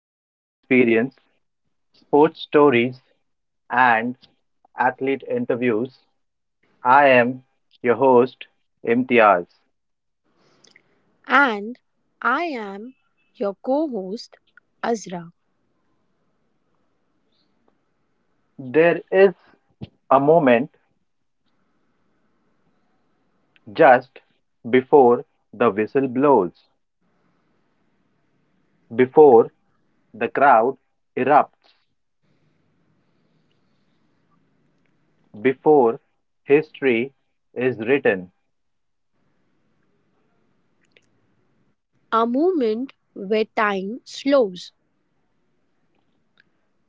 to Human Experience, Sports Stories, and Athlete Interviews. I am your host, Imtiaz. And I am your co host, Azra. There is a moment just before the whistle blows, before the crowd erupts, before history is written. A moment where time slows,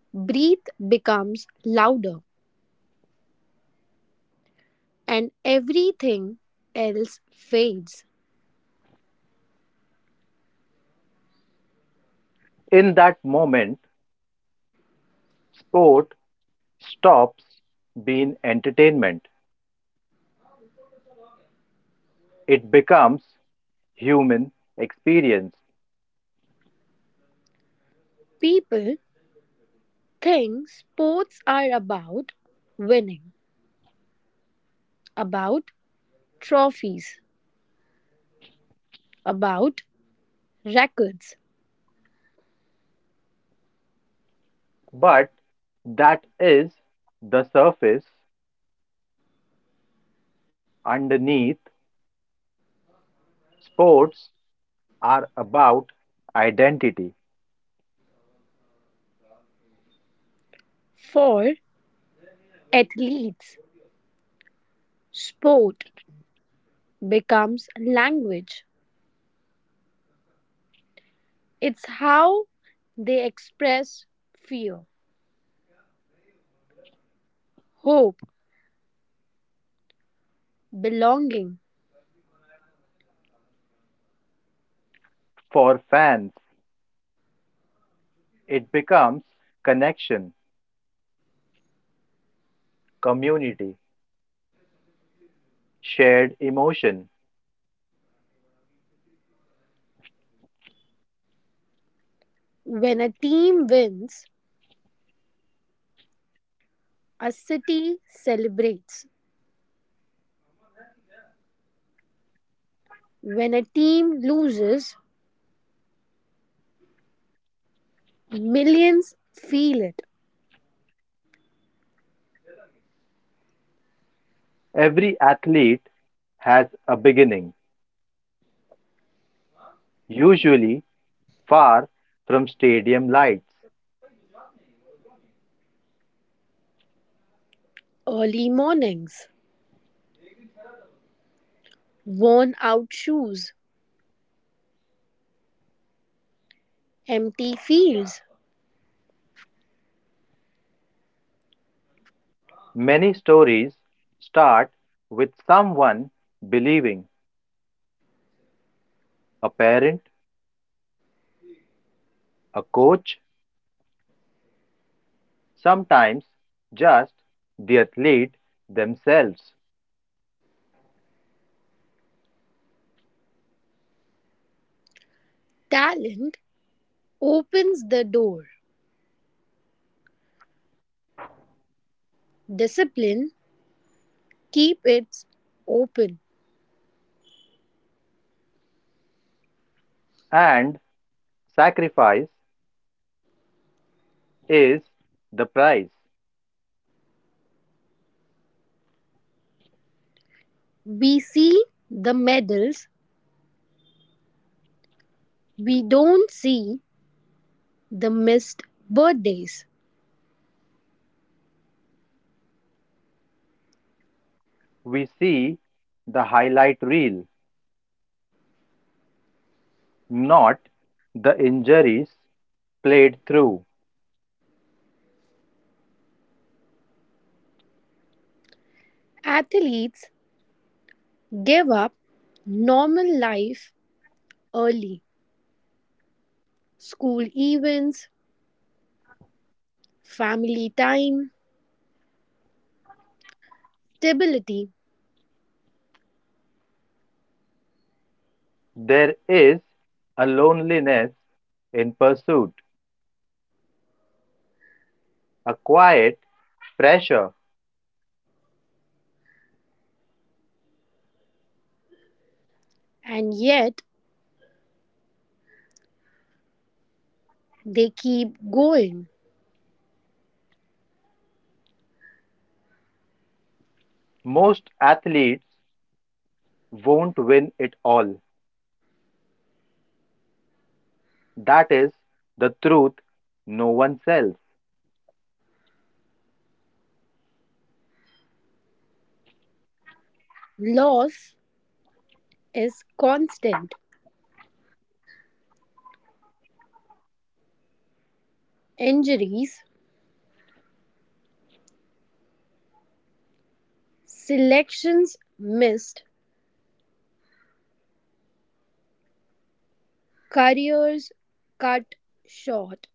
breath becomes louder, and everything else fades. In that moment, sport stops being entertainment, it becomes human experience. People think sports are about winning, about trophies, about records. But that is the surface. Underneath, sports are about identity. For athletes, sport becomes language. It's how they express fear, hope, belonging. For fans, it becomes connection, community, shared emotion. When a team wins, a city celebrates. When a team loses, millions feel it. Every athlete has a beginning, usually far from stadium lights. Early mornings, worn out shoes, empty fields. Many stories start with someone believing a parent, a coach, sometimes just the athlete themselves. Talent opens the door. Discipline keeps it open. And sacrifice is the price. We see the medals, we don't see the missed birthdays. We see the highlight reel, not the injuries played through. Athletes give up normal life early, school events, family time, stability, There is a loneliness in pursuit, a quiet pressure. and yet they keep going. Most athletes won't win it all. That is the truth no one sells. Loss is constant, injuries, selections missed, careers cut short.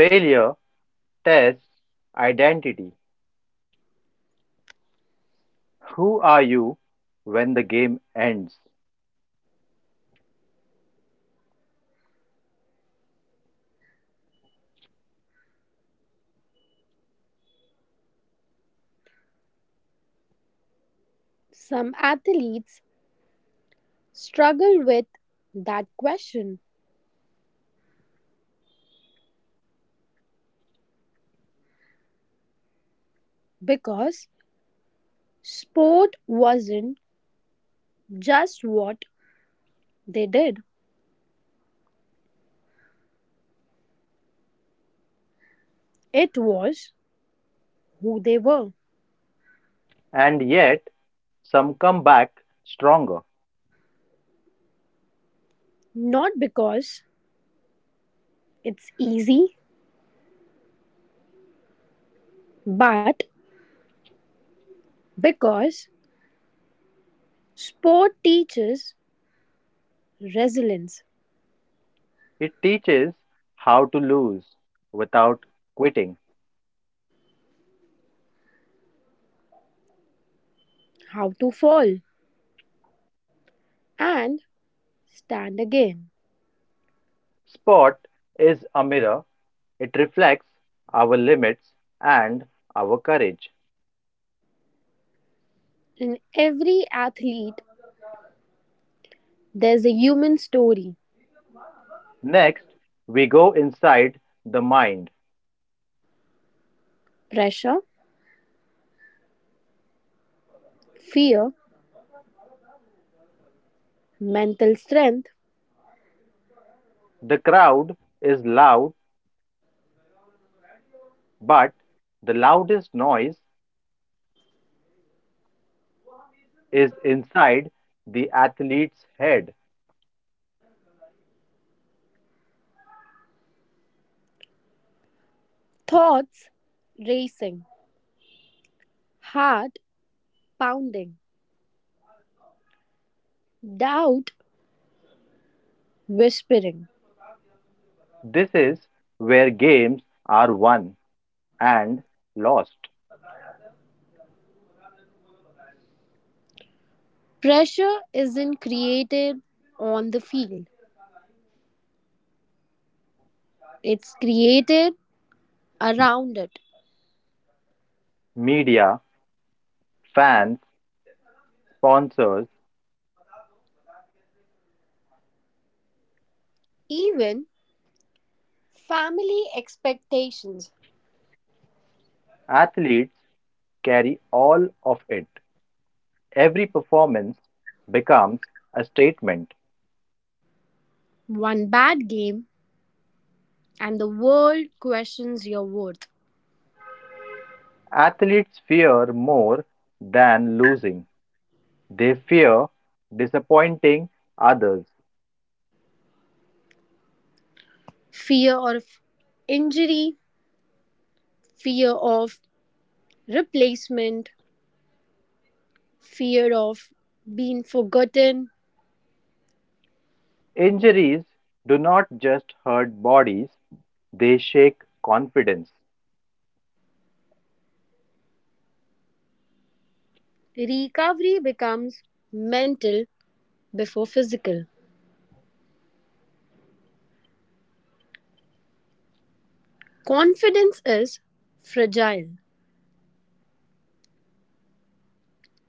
Failure tests identity. Who are you when the game ends? Some athletes struggle with that question because sport wasn't just what they did, it was who they were. And yet, some come back stronger. Not because it's easy, but because sport teaches resilience, It teaches how to lose without quitting. how to fall and stand again. Sport is a mirror, it reflects our limits and our courage. In every athlete, there's a human story: Next, we go inside the mind. pressure, fear, mental strength, The crowd is loud, but the loudest noise is inside the athlete's head. thoughts racing, heart pounding, doubt whispering. This is where games are won and lost. Pressure isn't created on the field, it's created around it. Media, fans, sponsors, Even family expectations. athletes carry all of it. Every performance becomes a statement. One bad game, and the world questions your worth. Athletes fear more than losing, they fear disappointing others. Fear of injury, fear of replacement, fear of being forgotten. Injuries do not just hurt bodies, they shake confidence. Recovery becomes mental before physical. Confidence is fragile,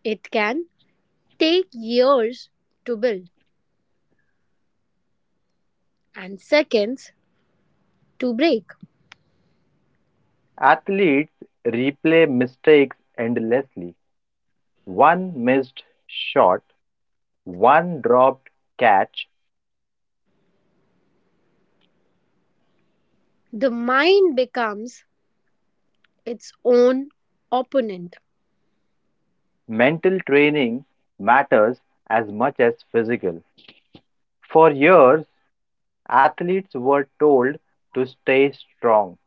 it can take years to build and seconds to break. Athletes replay mistakes endlessly. One missed shot, one dropped catch, The mind becomes its own opponent. mental training matters as much as physical. For years, athletes were told to stay strong.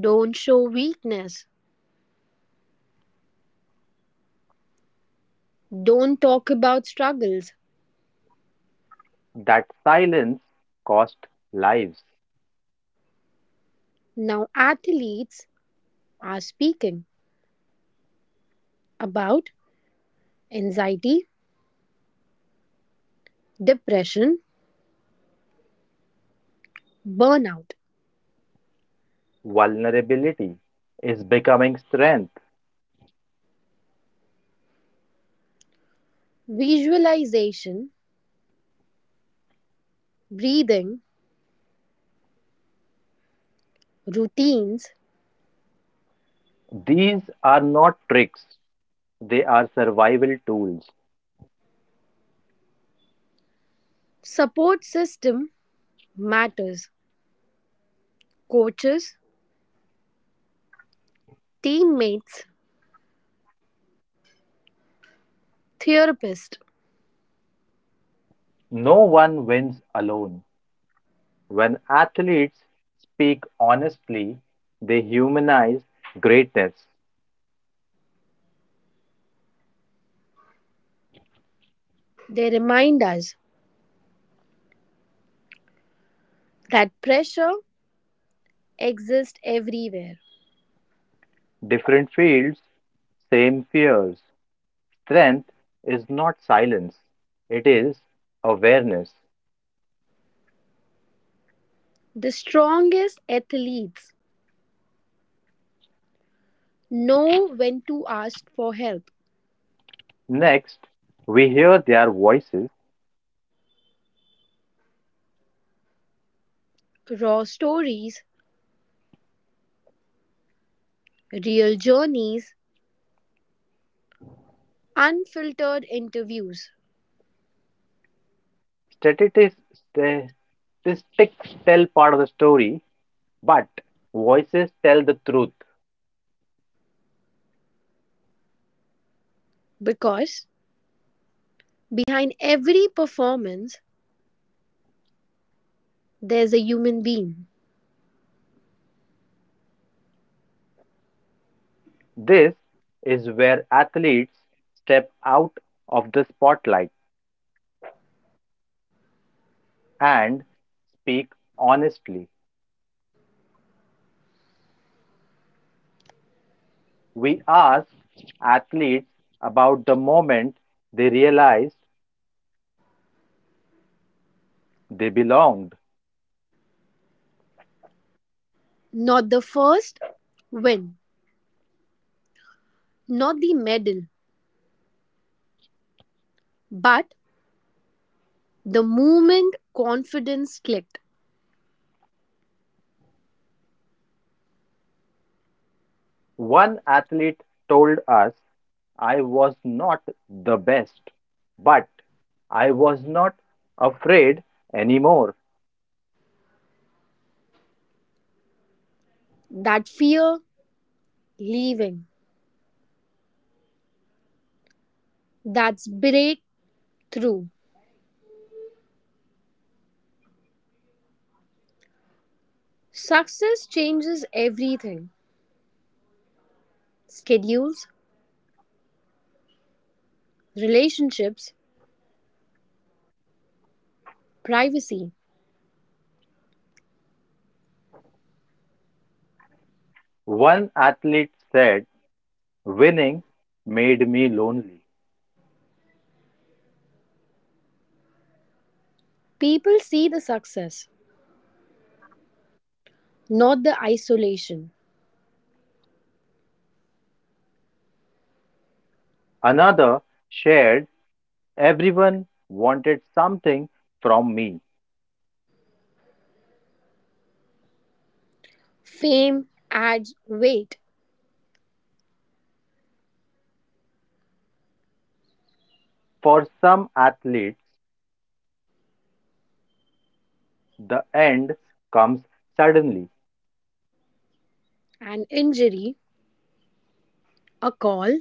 Don't show weakness. Don't talk about struggles. That silence cost lives. Now, athletes are speaking about anxiety, depression, burnout, Vulnerability is becoming strength. visualization, breathing, routines, These are not tricks, they are survival tools. support system matters. Coaches, teammates, therapists, No one wins alone. When athletes speak honestly, they humanize greatness. they remind us that pressure exists everywhere. Different fields, same fears. Strength is not silence, it is awareness. The strongest athletes know when to ask for help. Next, we hear their voices. Raw stories, real journeys, unfiltered interviews. Statistics, statistics tell part of the story, but voices tell the truth. Because behind every performance, there's a human being. This is where athletes step out of the spotlight and speak honestly. We asked athletes about the moment they realized they belonged. Not the first win, not the medal, but the moment confidence clicked. One athlete told us, I was not the best, but I was not afraid anymore. That fear leaving, that's breakthrough. Success changes everything: schedules, relationships, privacy. One athlete said, winning made me lonely. People see the success, not the isolation. Another shared, everyone wanted something from me. Fame adds weight, For some athletes, the end comes suddenly. an injury, a call,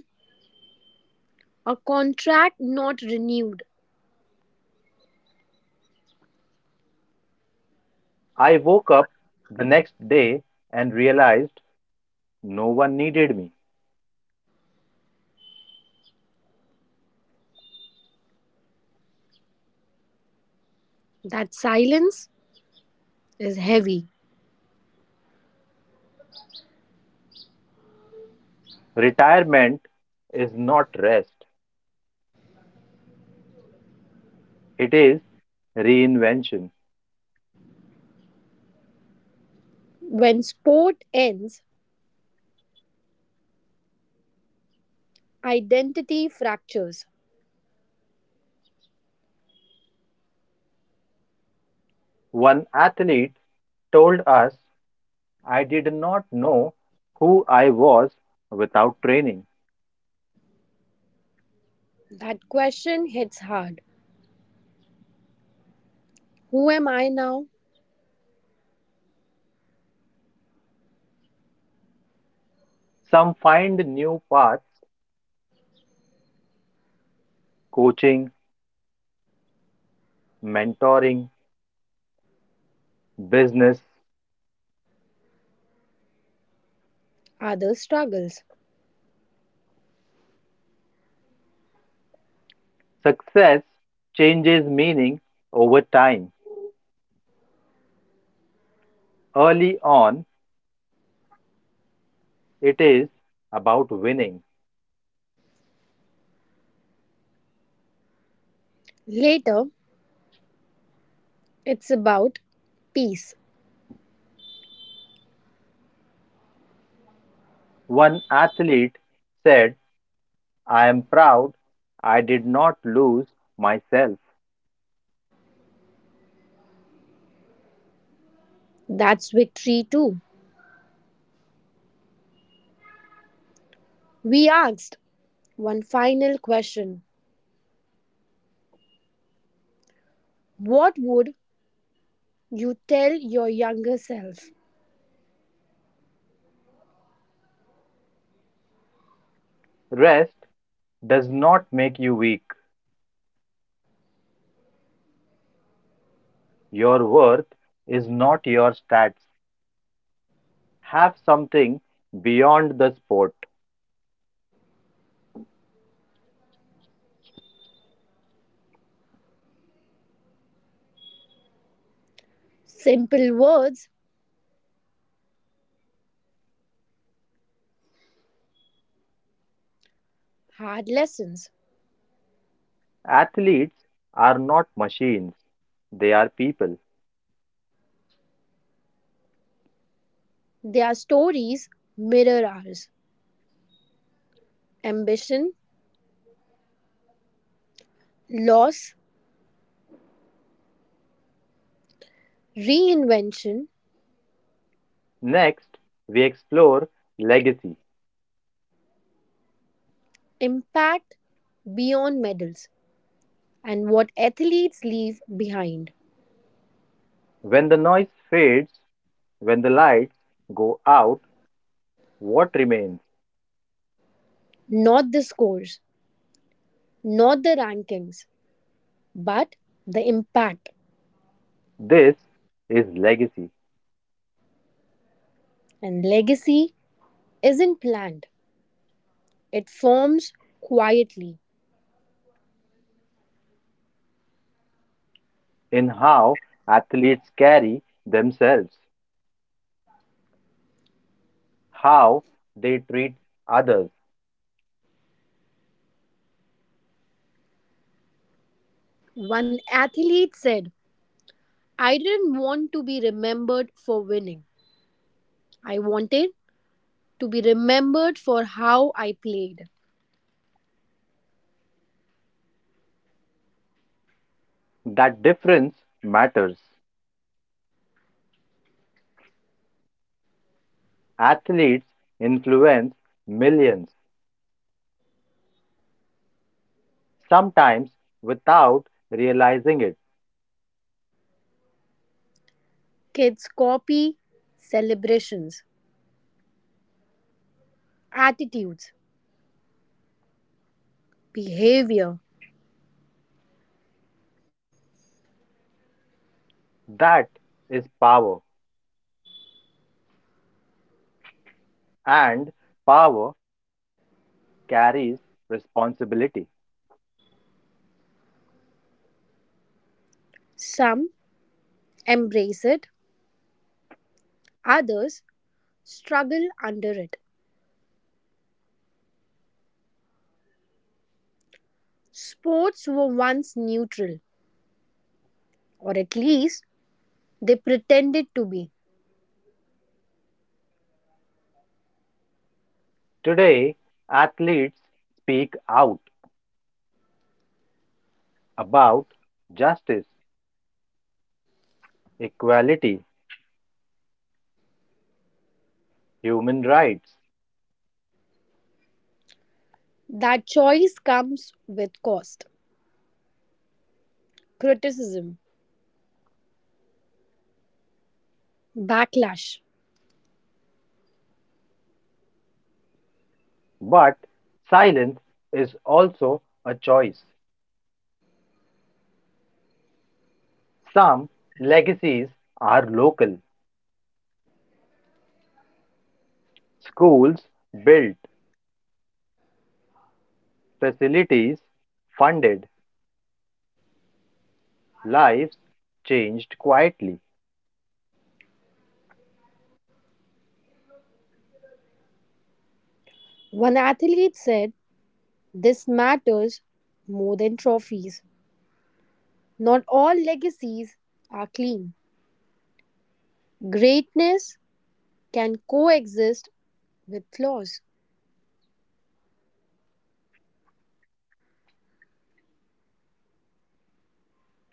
a contract not renewed. I woke up the next day and realized no one needed me. That silence is heavy. Retirement is not rest, it is reinvention. When sport ends, identity fractures. One athlete told us, I did not know who I was without training. That question hits hard. Who am I now? Some find new paths, coaching, mentoring, business. Other struggles. Success changes meaning over time. Early on, it is about winning. Later, it's about peace. One athlete said, I am proud I did not lose myself. That's victory too. We asked one final question: what would you tell your younger self? Rest does not make you weak. Your worth is not your stats. Have something beyond the sport. Simple words, hard lessons. Athletes are not machines, they are people. Their stories mirror ours. Ambition, loss, reinvention, Next, we explore legacy. impact beyond medals, and what athletes leave behind. When the noise fades, when the lights go out, what remains? Not the scores, not the rankings, but the impact. This is legacy, And legacy isn't planned, it forms quietly. in how athletes carry themselves, how they treat others. One athlete said, "I didn't want to be remembered for winning. I wanted to be remembered for how I played." That difference matters. Athletes influence millions, sometimes without realizing it. Kids copy celebrations, attitudes, behavior. That is power, and power carries responsibility. Some embrace it, others struggle under it. Sports were once neutral, or at least they pretended to be. Today, athletes speak out about justice, equality, human rights, That choice comes with cost, criticism, backlash. but silence is also a choice. Some legacies are local, schools built, facilities funded, lives changed quietly. One athlete said, "This matters more than trophies." Not all legacies are clean. Greatness can coexist with flaws.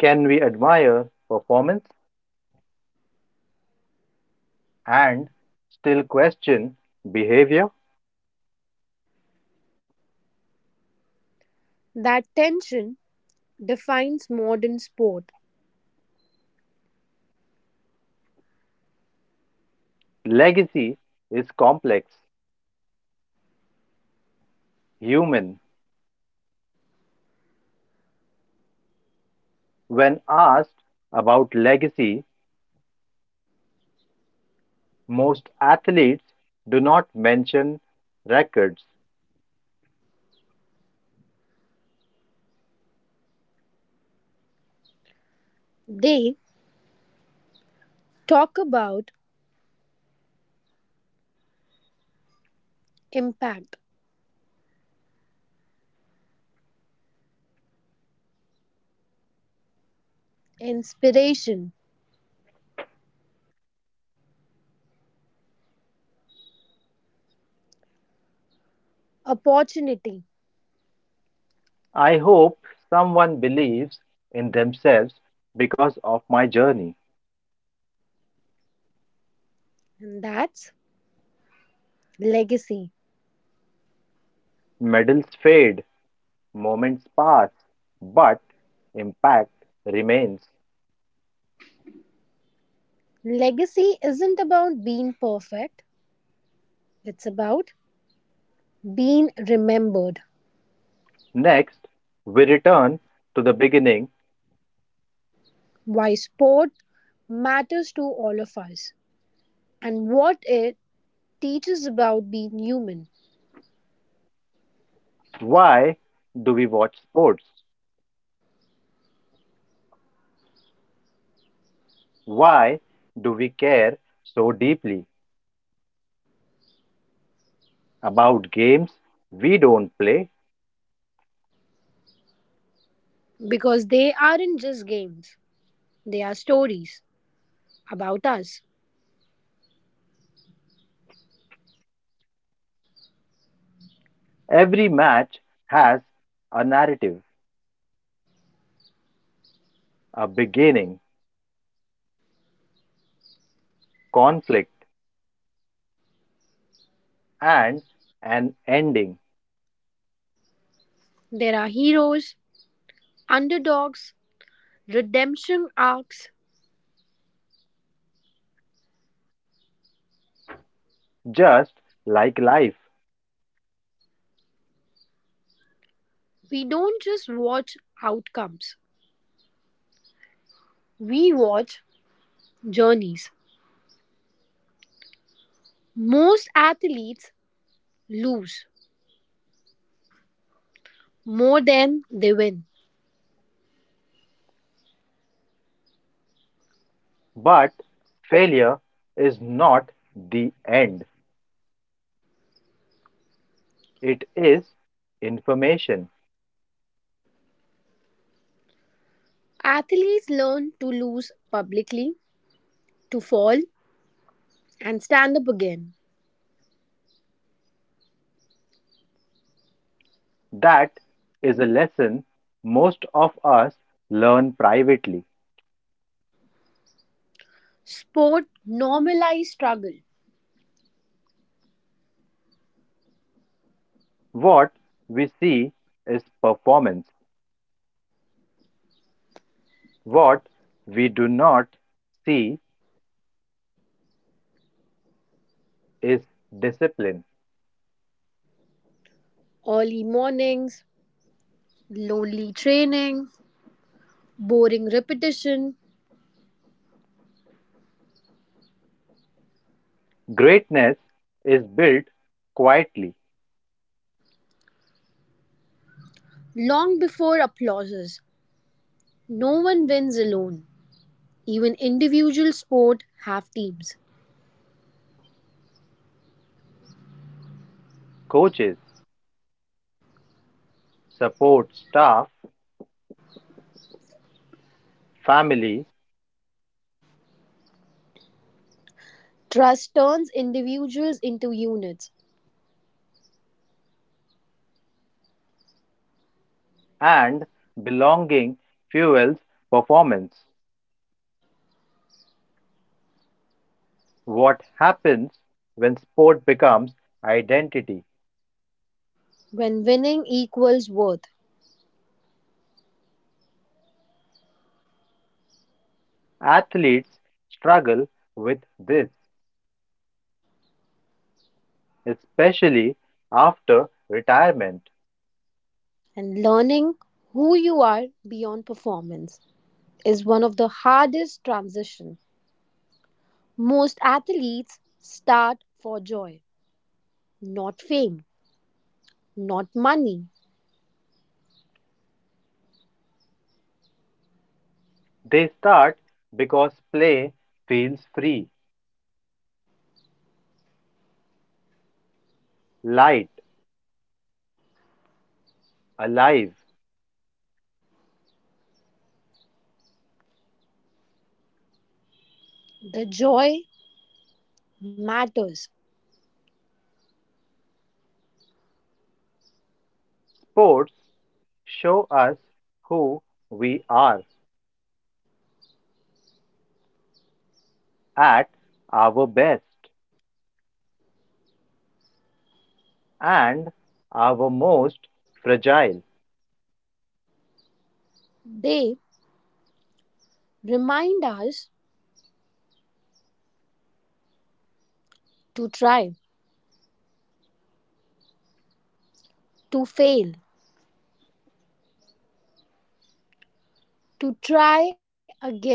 Can we admire performance and still question behavior? That tension defines modern sport. Legacy is complex, human. When asked about legacy, most athletes do not mention records. They talk about impact, inspiration, opportunity, I hope someone believes in themselves because of my journey. and that's legacy. Medals fade, moments pass, but impact remains. Legacy isn't about being perfect, it's about being remembered. Next, we return to the beginning. Why sport matters to all of us, and what it teaches about being human: Why do we watch sports? Why do we care so deeply about games we don't play? because they aren't just games. They are stories about us. Every match has a narrative, a beginning, conflict, and an ending, There are heroes, underdogs, redemption arcs. just like life. We don't just watch outcomes, we watch journeys. Most athletes lose more than they win. But failure is not the end. It is information, Athletes learn to lose publicly, to fall, and stand up again. that is a lesson most of us learn privately. Sport normalizes struggle. What we see is performance, what we do not see is discipline. Early mornings, lonely training, boring repetition, Greatness is built quietly. long before applauses. No one wins alone. Even individual sport have teams. Coaches, support staff, family, Trust turns individuals into units and belonging fuels performance. What happens when sport becomes identity? when winning equals worth, Athletes struggle with this, especially after retirement. and learning who you are beyond performance is one of the hardest transition. Most athletes start for joy, not fame, not money. They start because play feels free, light, alive. The joy matters. Sports show us who we are at our best and our most fragile. They remind us to try, to fail, to try again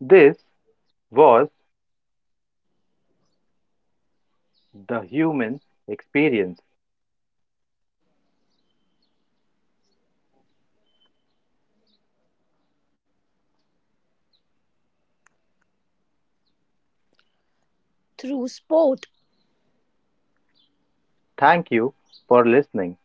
This was the human experience. through sport. Thank you for listening.